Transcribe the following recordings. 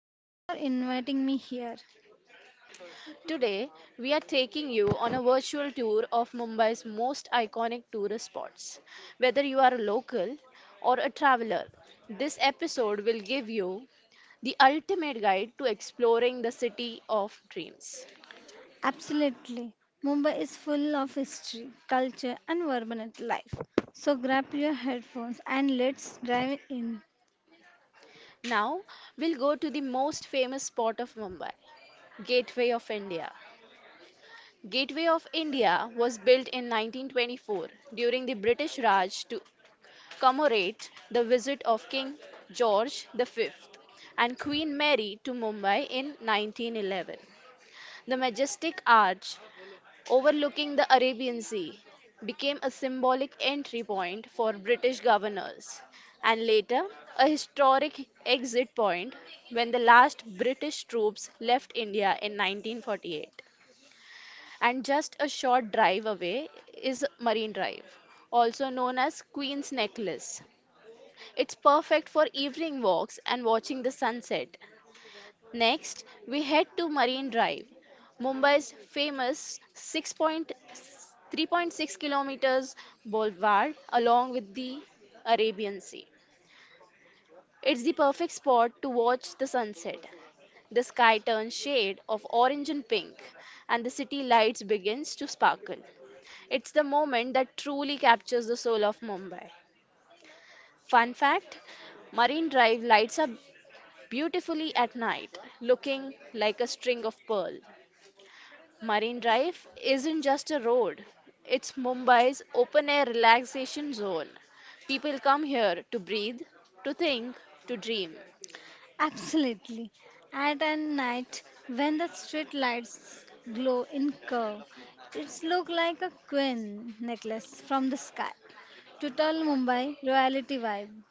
Thank you for inviting me here. Today we are taking you on a virtual tour of Mumbai's most iconic tourist spots. Whether you are a local or a traveler, this episode will give you the ultimate guide to exploring the city of dreams. Absolutely. Mumbai is full of history, culture, and vibrant life. So grab your headphones and let's drive in. Now we'll go to the most famous spot of Mumbai, Gateway of India. Gateway of India was built in 1924 during the British Raj to commemorate the visit of King George V and Queen Mary to Mumbai in 1911. The majestic arch overlooking the Arabian Sea became a symbolic entry point for British governors and later a historic exit point when the last British troops left India in 1948. And just a short drive away is Marine Drive, also known as Queen's Necklace. It's perfect for evening walks and watching the sunset. Next, we head to Marine Drive, Mumbai's famous 6.3.6 kilometers boulevard along with the Arabian Sea. It's the perfect spot to watch the sunset. The sky turns shade of orange and pink and the city lights begins to sparkle. It's the moment that truly captures the soul of Mumbai. Fun fact, Marine Drive lights up beautifully at night, looking like a string of pearl. Marine Drive isn't just a road, it's Mumbai's open air relaxation zone. People come here to breathe, to think, to dream. Absolutely. At a night when the street lights glow in curve, it's look like a queen necklace from the sky. Total Mumbai royalty vibe.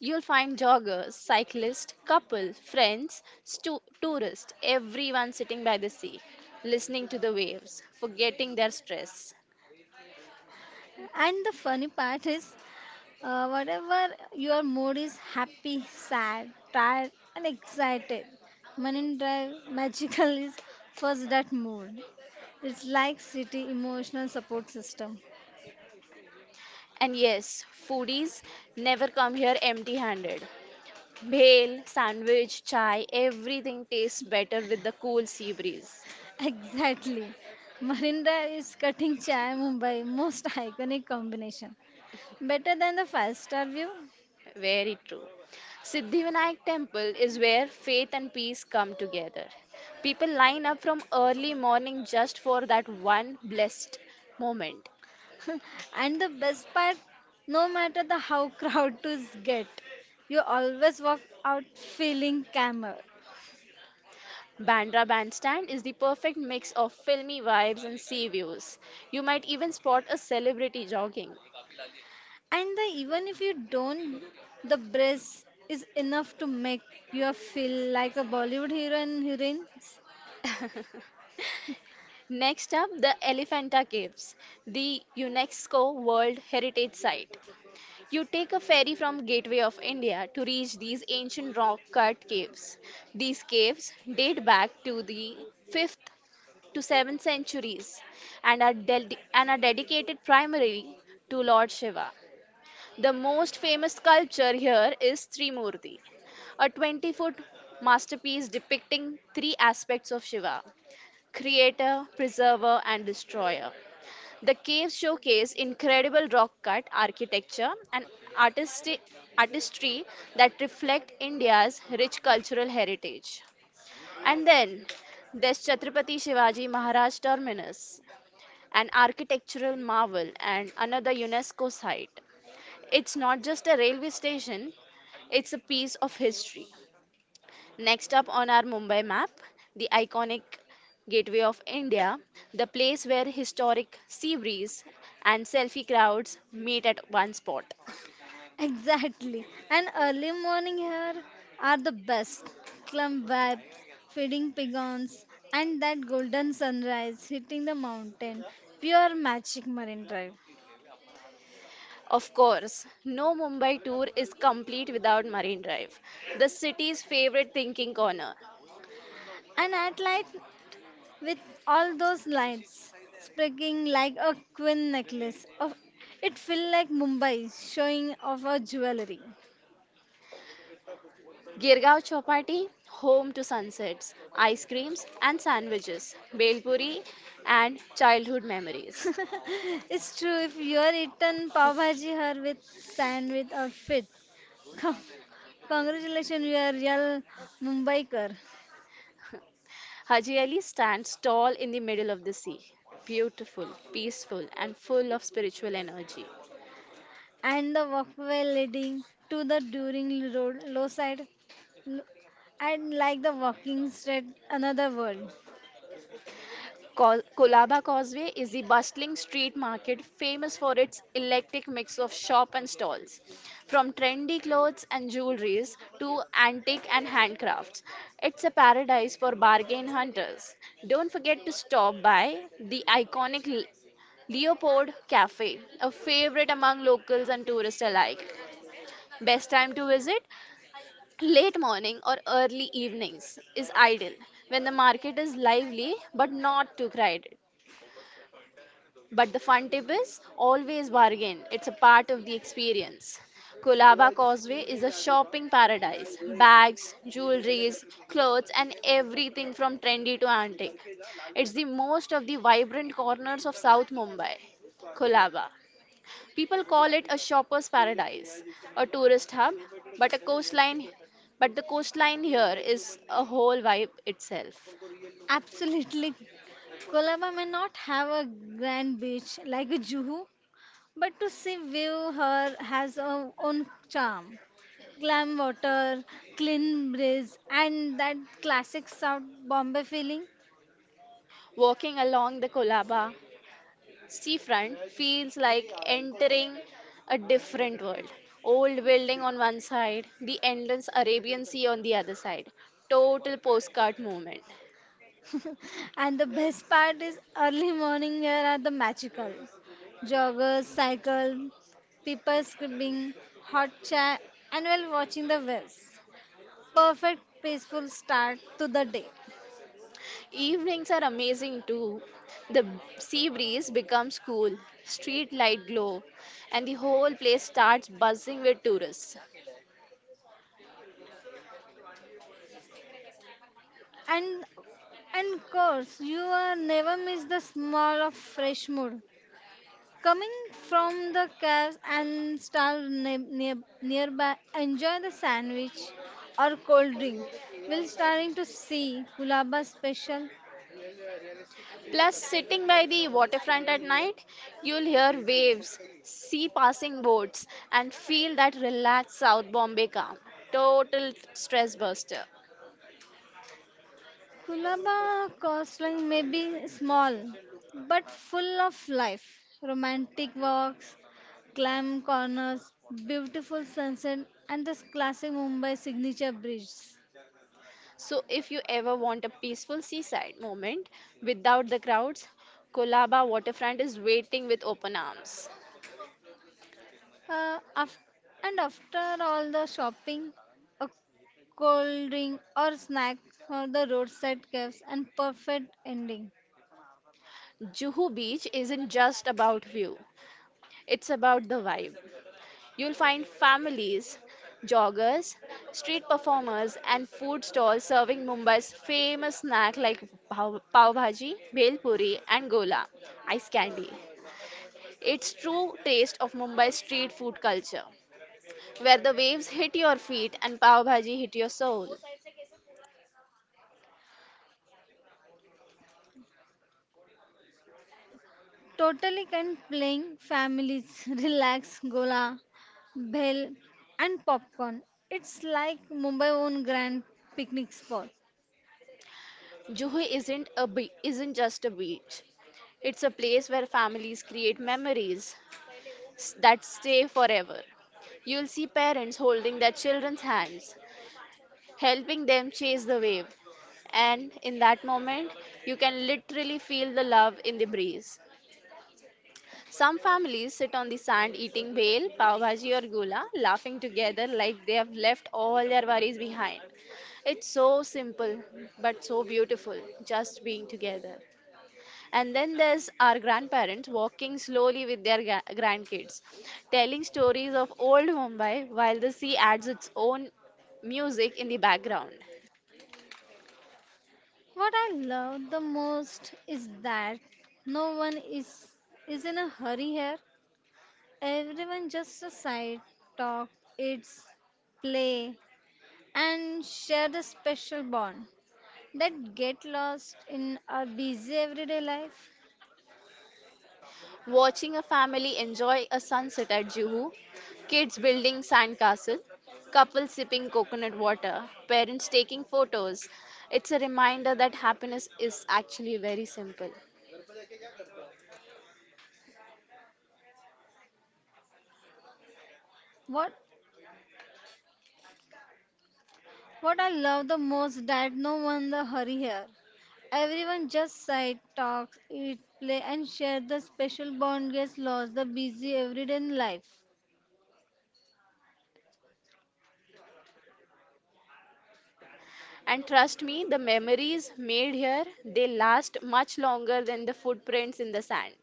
You'll find joggers, cyclists, couples, friends, tourists, everyone sitting by the sea, listening to the waves, forgetting their stress. And the funny part is whatever your mood is happy, sad, tired, and excited, Manin Drive Magical is first that mood. It's like city emotional support system. And yes, foodies never come here empty handed. Bhel, sandwich, chai, everything tastes better with the cool sea breeze. Exactly. Marine Drive is cutting chai Mumbai most iconic combination. Better than the five-star view. Very true. Siddhivinayak temple is where faith and peace come together. People line up from early morning just for that one blessed moment. And the best part, no matter the how crowd to get, you always walk out feeling calmer. Bandra Bandstand is the perfect mix of filmy vibes and sea views. You might even spot a celebrity jogging. And the, even if you don't, the breast is enough to make you feel like a Bollywood hero and heroines. Next up, the Elephanta Caves, the UNESCO World Heritage Site. You take a ferry from Gateway of India to reach these ancient rock cut caves. These caves date back to the 5th to 7th centuries and are dedicated primarily to Lord Shiva. The most famous sculpture here is Trimurti, a 20-foot masterpiece depicting three aspects of Shiva: creator, preserver, and destroyer. The caves showcase incredible rock cut architecture and artistic artistry that reflect India's rich cultural heritage. And then there's Chhatrapati Shivaji Maharaj Terminus, an architectural marvel and another UNESCO site. It's not just a railway station, it's a piece of history. Next up on our Mumbai map, the iconic Gateway of India, the place where historic sea breeze and selfie crowds meet at one spot. Exactly. And early morning here are the best. Clump vibes, feeding pigons, and that golden sunrise hitting the mountain. Pure magic marine drive. Of course, no Mumbai tour is complete without Marine Drive, the city's favorite thinking corner. And at night, with all those lights, sparkling like a queen necklace. Of, it feel like Mumbai showing off our jewelry. Girgaon Chowpatty, home to sunsets, ice creams and sandwiches, Bel Puri, and childhood memories. It's true. If you're eaten pav bhaji her with sandwich or fit, con- congratulations, you are real Mumbaiker. Haji Ali stands tall in the middle of the sea, beautiful, peaceful, and full of spiritual energy. And the walkway leading to the during road low side, lo- and like the walking street, another world. Kolaba Causeway is the bustling street market famous for its eclectic mix of shop and stalls, from trendy clothes and jewelries to antique and handcrafts. It's a paradise for bargain hunters. Don't forget to stop by the iconic Leopold Cafe, a favorite among locals and tourists alike. Best time to visit? Late morning or early evenings is ideal when the market is lively but not too crowded. But the fun tip is always bargain, it's a part of the experience. Kolaba Causeway is a shopping paradise. Bags, jewelries, clothes, and everything from trendy to antique. It's the most of the vibrant corners of South Mumbai. Kolaba. People call it a shopper's paradise, a tourist hub, but a coastline but the coastline here is a whole vibe itself. Absolutely, Colaba may not have a grand beach like Juhu, but to see view her has her own charm. Glam water, clean breeze, and that classic South Bombay feeling. Walking along the Kolaba seafront feels like entering a different world. Old building on one side, the endless Arabian Sea on the other side. Total postcard moment. And the best part is early morning here are the magical. Joggers, cycle, people skipping, hot chai, and while watching the waves. Perfect peaceful start to the day. Evenings are amazing too. The sea breeze becomes cool, street light glow, and the whole place starts buzzing with tourists. And and course, you will never miss the smell of fresh mood coming from the caves and starve near, nearby, enjoy the sandwich or cold drink. We'll starting to see Kulaba special. Plus, sitting by the waterfront at night, you'll hear waves, see passing boats, and feel that relaxed South Bombay calm. Total stress buster. Kulaba coastline may be small but full of life. Romantic walks, clam corners, beautiful sunset, and the classic Mumbai signature bridges. So, if you ever want a peaceful seaside moment without the crowds, Kolaba waterfront is waiting with open arms. Uh, af- and after all the shopping, a cold drink or snack or the roadside cafes and perfect ending. Juhu Beach isn't just about view, it's about the vibe. You'll find families, joggers, street performers, and food stalls serving Mumbai's famous snack like pav bhaji, bhel puri, and gola, ice candy. It's true taste of Mumbai's street food culture, where the waves hit your feet and pav bhaji hit your soul. Totally can playing families relax gola, bell and popcorn. It's like Mumbai own grand picnic spot. Juhu isn't just a beach. It's a place where families create memories that stay forever. You'll see parents holding their children's hands, helping them chase the wave. And in that moment, you can literally feel the love in the breeze. Some families sit on the sand eating bhel, pav bhaji, or gula, laughing together like they have left all their worries behind. It's so simple, but so beautiful, just being together. And then there's our grandparents walking slowly with their grandkids, telling stories of old Mumbai while the sea adds its own music in the background. What I love the most is that no one is in a hurry here. Everyone just a side talk, it's play and share the special bond that get lost in our busy everyday life. Watching a family enjoy a sunset at Juhu, kids building sandcastle, couples sipping coconut water, parents taking photos. It's a reminder that happiness is actually very simple. What what I love the most that no one the hurry here. Everyone just side talks, eat, play, and share the special bond gets lost the busy everyday life. And trust me, the memories made here, they last much longer than the footprints in the sand.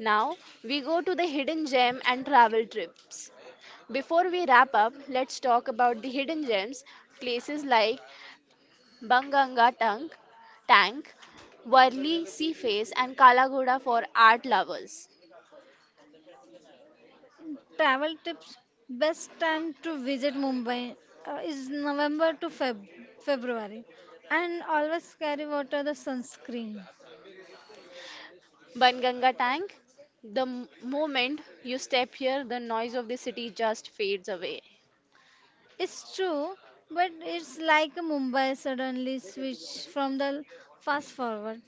Now we go to the hidden gem and travel trips. Before we wrap up, let's talk about the hidden gems, places like Banganga Tank, Tank, Worli Sea Face, and Kalagoda for art lovers. Travel tips: best time to visit Mumbai is November to February, and always carry water the sunscreen. Banganga Tank, the moment you step here, the noise of the city just fades away, It's true, but it's like Mumbai suddenly switched from the fast forward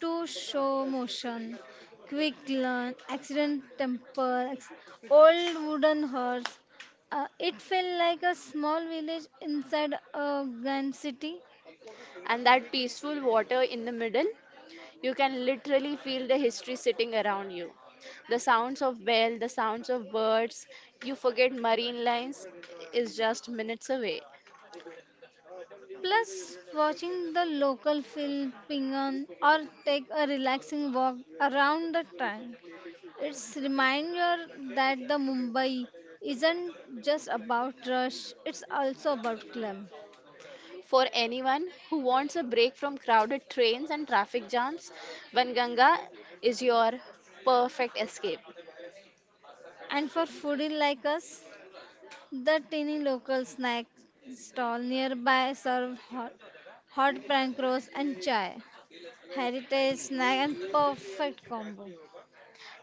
to show motion, quick learn, accident temple, old wooden horse. It felt like a small village inside a grand city. and that peaceful water in the middle. You can literally feel the history sitting around you. The sounds of bell, the sounds of birds, you forget marine lines is just minutes away. Plus, watching the local film ping on, or take a relaxing walk around the tank. It's reminder that the Mumbai isn't just about rush, it's also about club. For anyone who wants a break from crowded trains and traffic jams, Vanganga is your perfect escape. And for foodie like us, the teeny local snack stall nearby serve hot, hot prank rolls and chai. Heritage snack and perfect combo.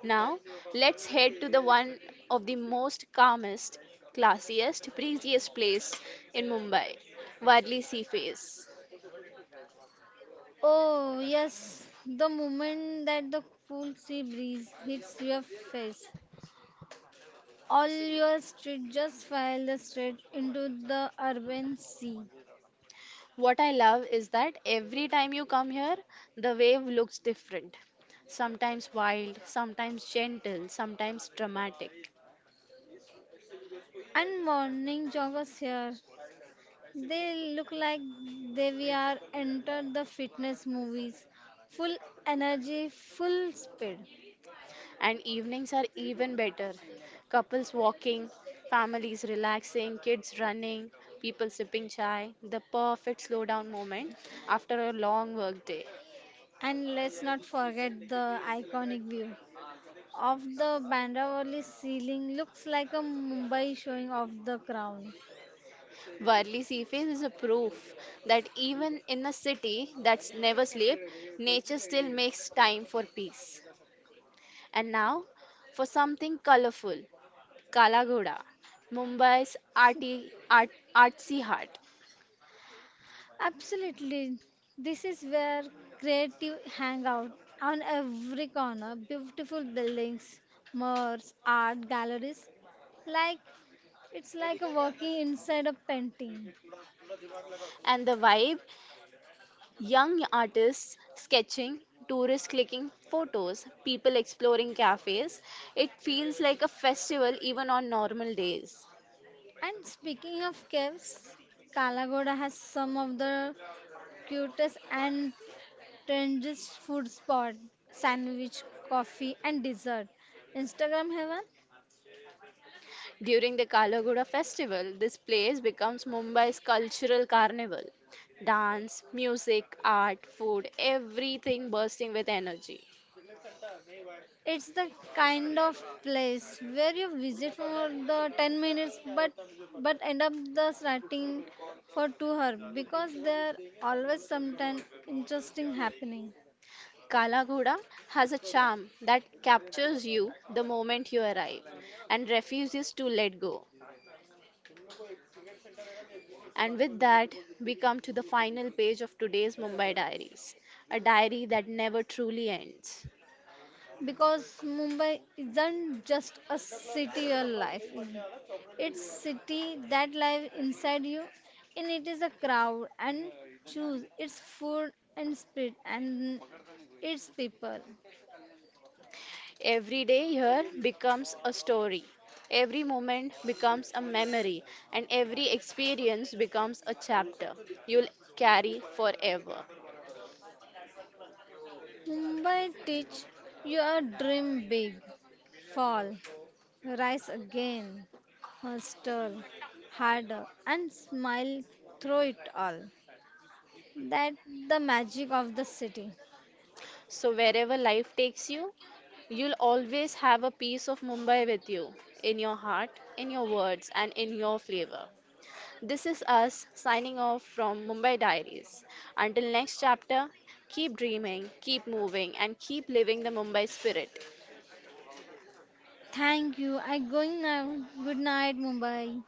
Now, let's head to the one of the most calmest, classiest, breeziest place in Mumbai, Wadli Sea Face. Oh, yes, the moment that the cool sea breeze hits your face, all your street just file the straight into the urban sea. What I love is that every time you come here, the wave looks different. Sometimes wild, sometimes gentle, sometimes dramatic. And morning joggers here, they look like they we are entered the fitness movies, full energy, full speed. And evenings are even better. Couples walking, families relaxing, kids running, people sipping chai. The perfect slowdown moment after a long work day. And let's not forget the iconic view of the Bandravali ceiling looks like a Mumbai showing of the crown. Worli sea face is a proof that even in a city that's never sleep, nature still makes time for peace. And now for something colorful, Kalagoda, Mumbai's artsy heart. Absolutely. This is where creative hang out on every corner. Beautiful buildings, malls, art galleries. Like it's like a walking inside a painting. And the vibe: young artists sketching, tourists clicking photos, people exploring cafes. It feels like a festival even on normal days. And speaking of caves, Kalagoda has some of the cutest and trendiest food spot, sandwich, coffee and dessert. Instagram heaven? During the Kalagoda festival, this place becomes Mumbai's cultural carnival. Dance, music, art, food, everything bursting with energy. It's the kind of place where you visit for the 10 minutes but end up the starting for 2 hours because there always something interesting happening. Kala Ghoda has a charm that captures you the moment you arrive and refuses to let go. And with that, we come to the final page of today's Mumbai Diaries, a diary that never truly ends. Because Mumbai isn't just a city you life in. It's city that live inside you and it is a crowd and choose its food and spirit and its people. Every day here becomes a story, every moment becomes a memory, and every experience becomes a chapter you'll carry forever. Mumbai teach your dream big, fall, rise again, hustle harder, and smile through it all. That the magic of the city. So, wherever life takes you, you'll always have a piece of Mumbai with you, in your heart, in your words, and in your flavor. This is us signing off from Mumbai Diaries. Until next chapter, keep dreaming, keep moving, and keep living the Mumbai spirit. Thank you. I going now. Good night, Mumbai.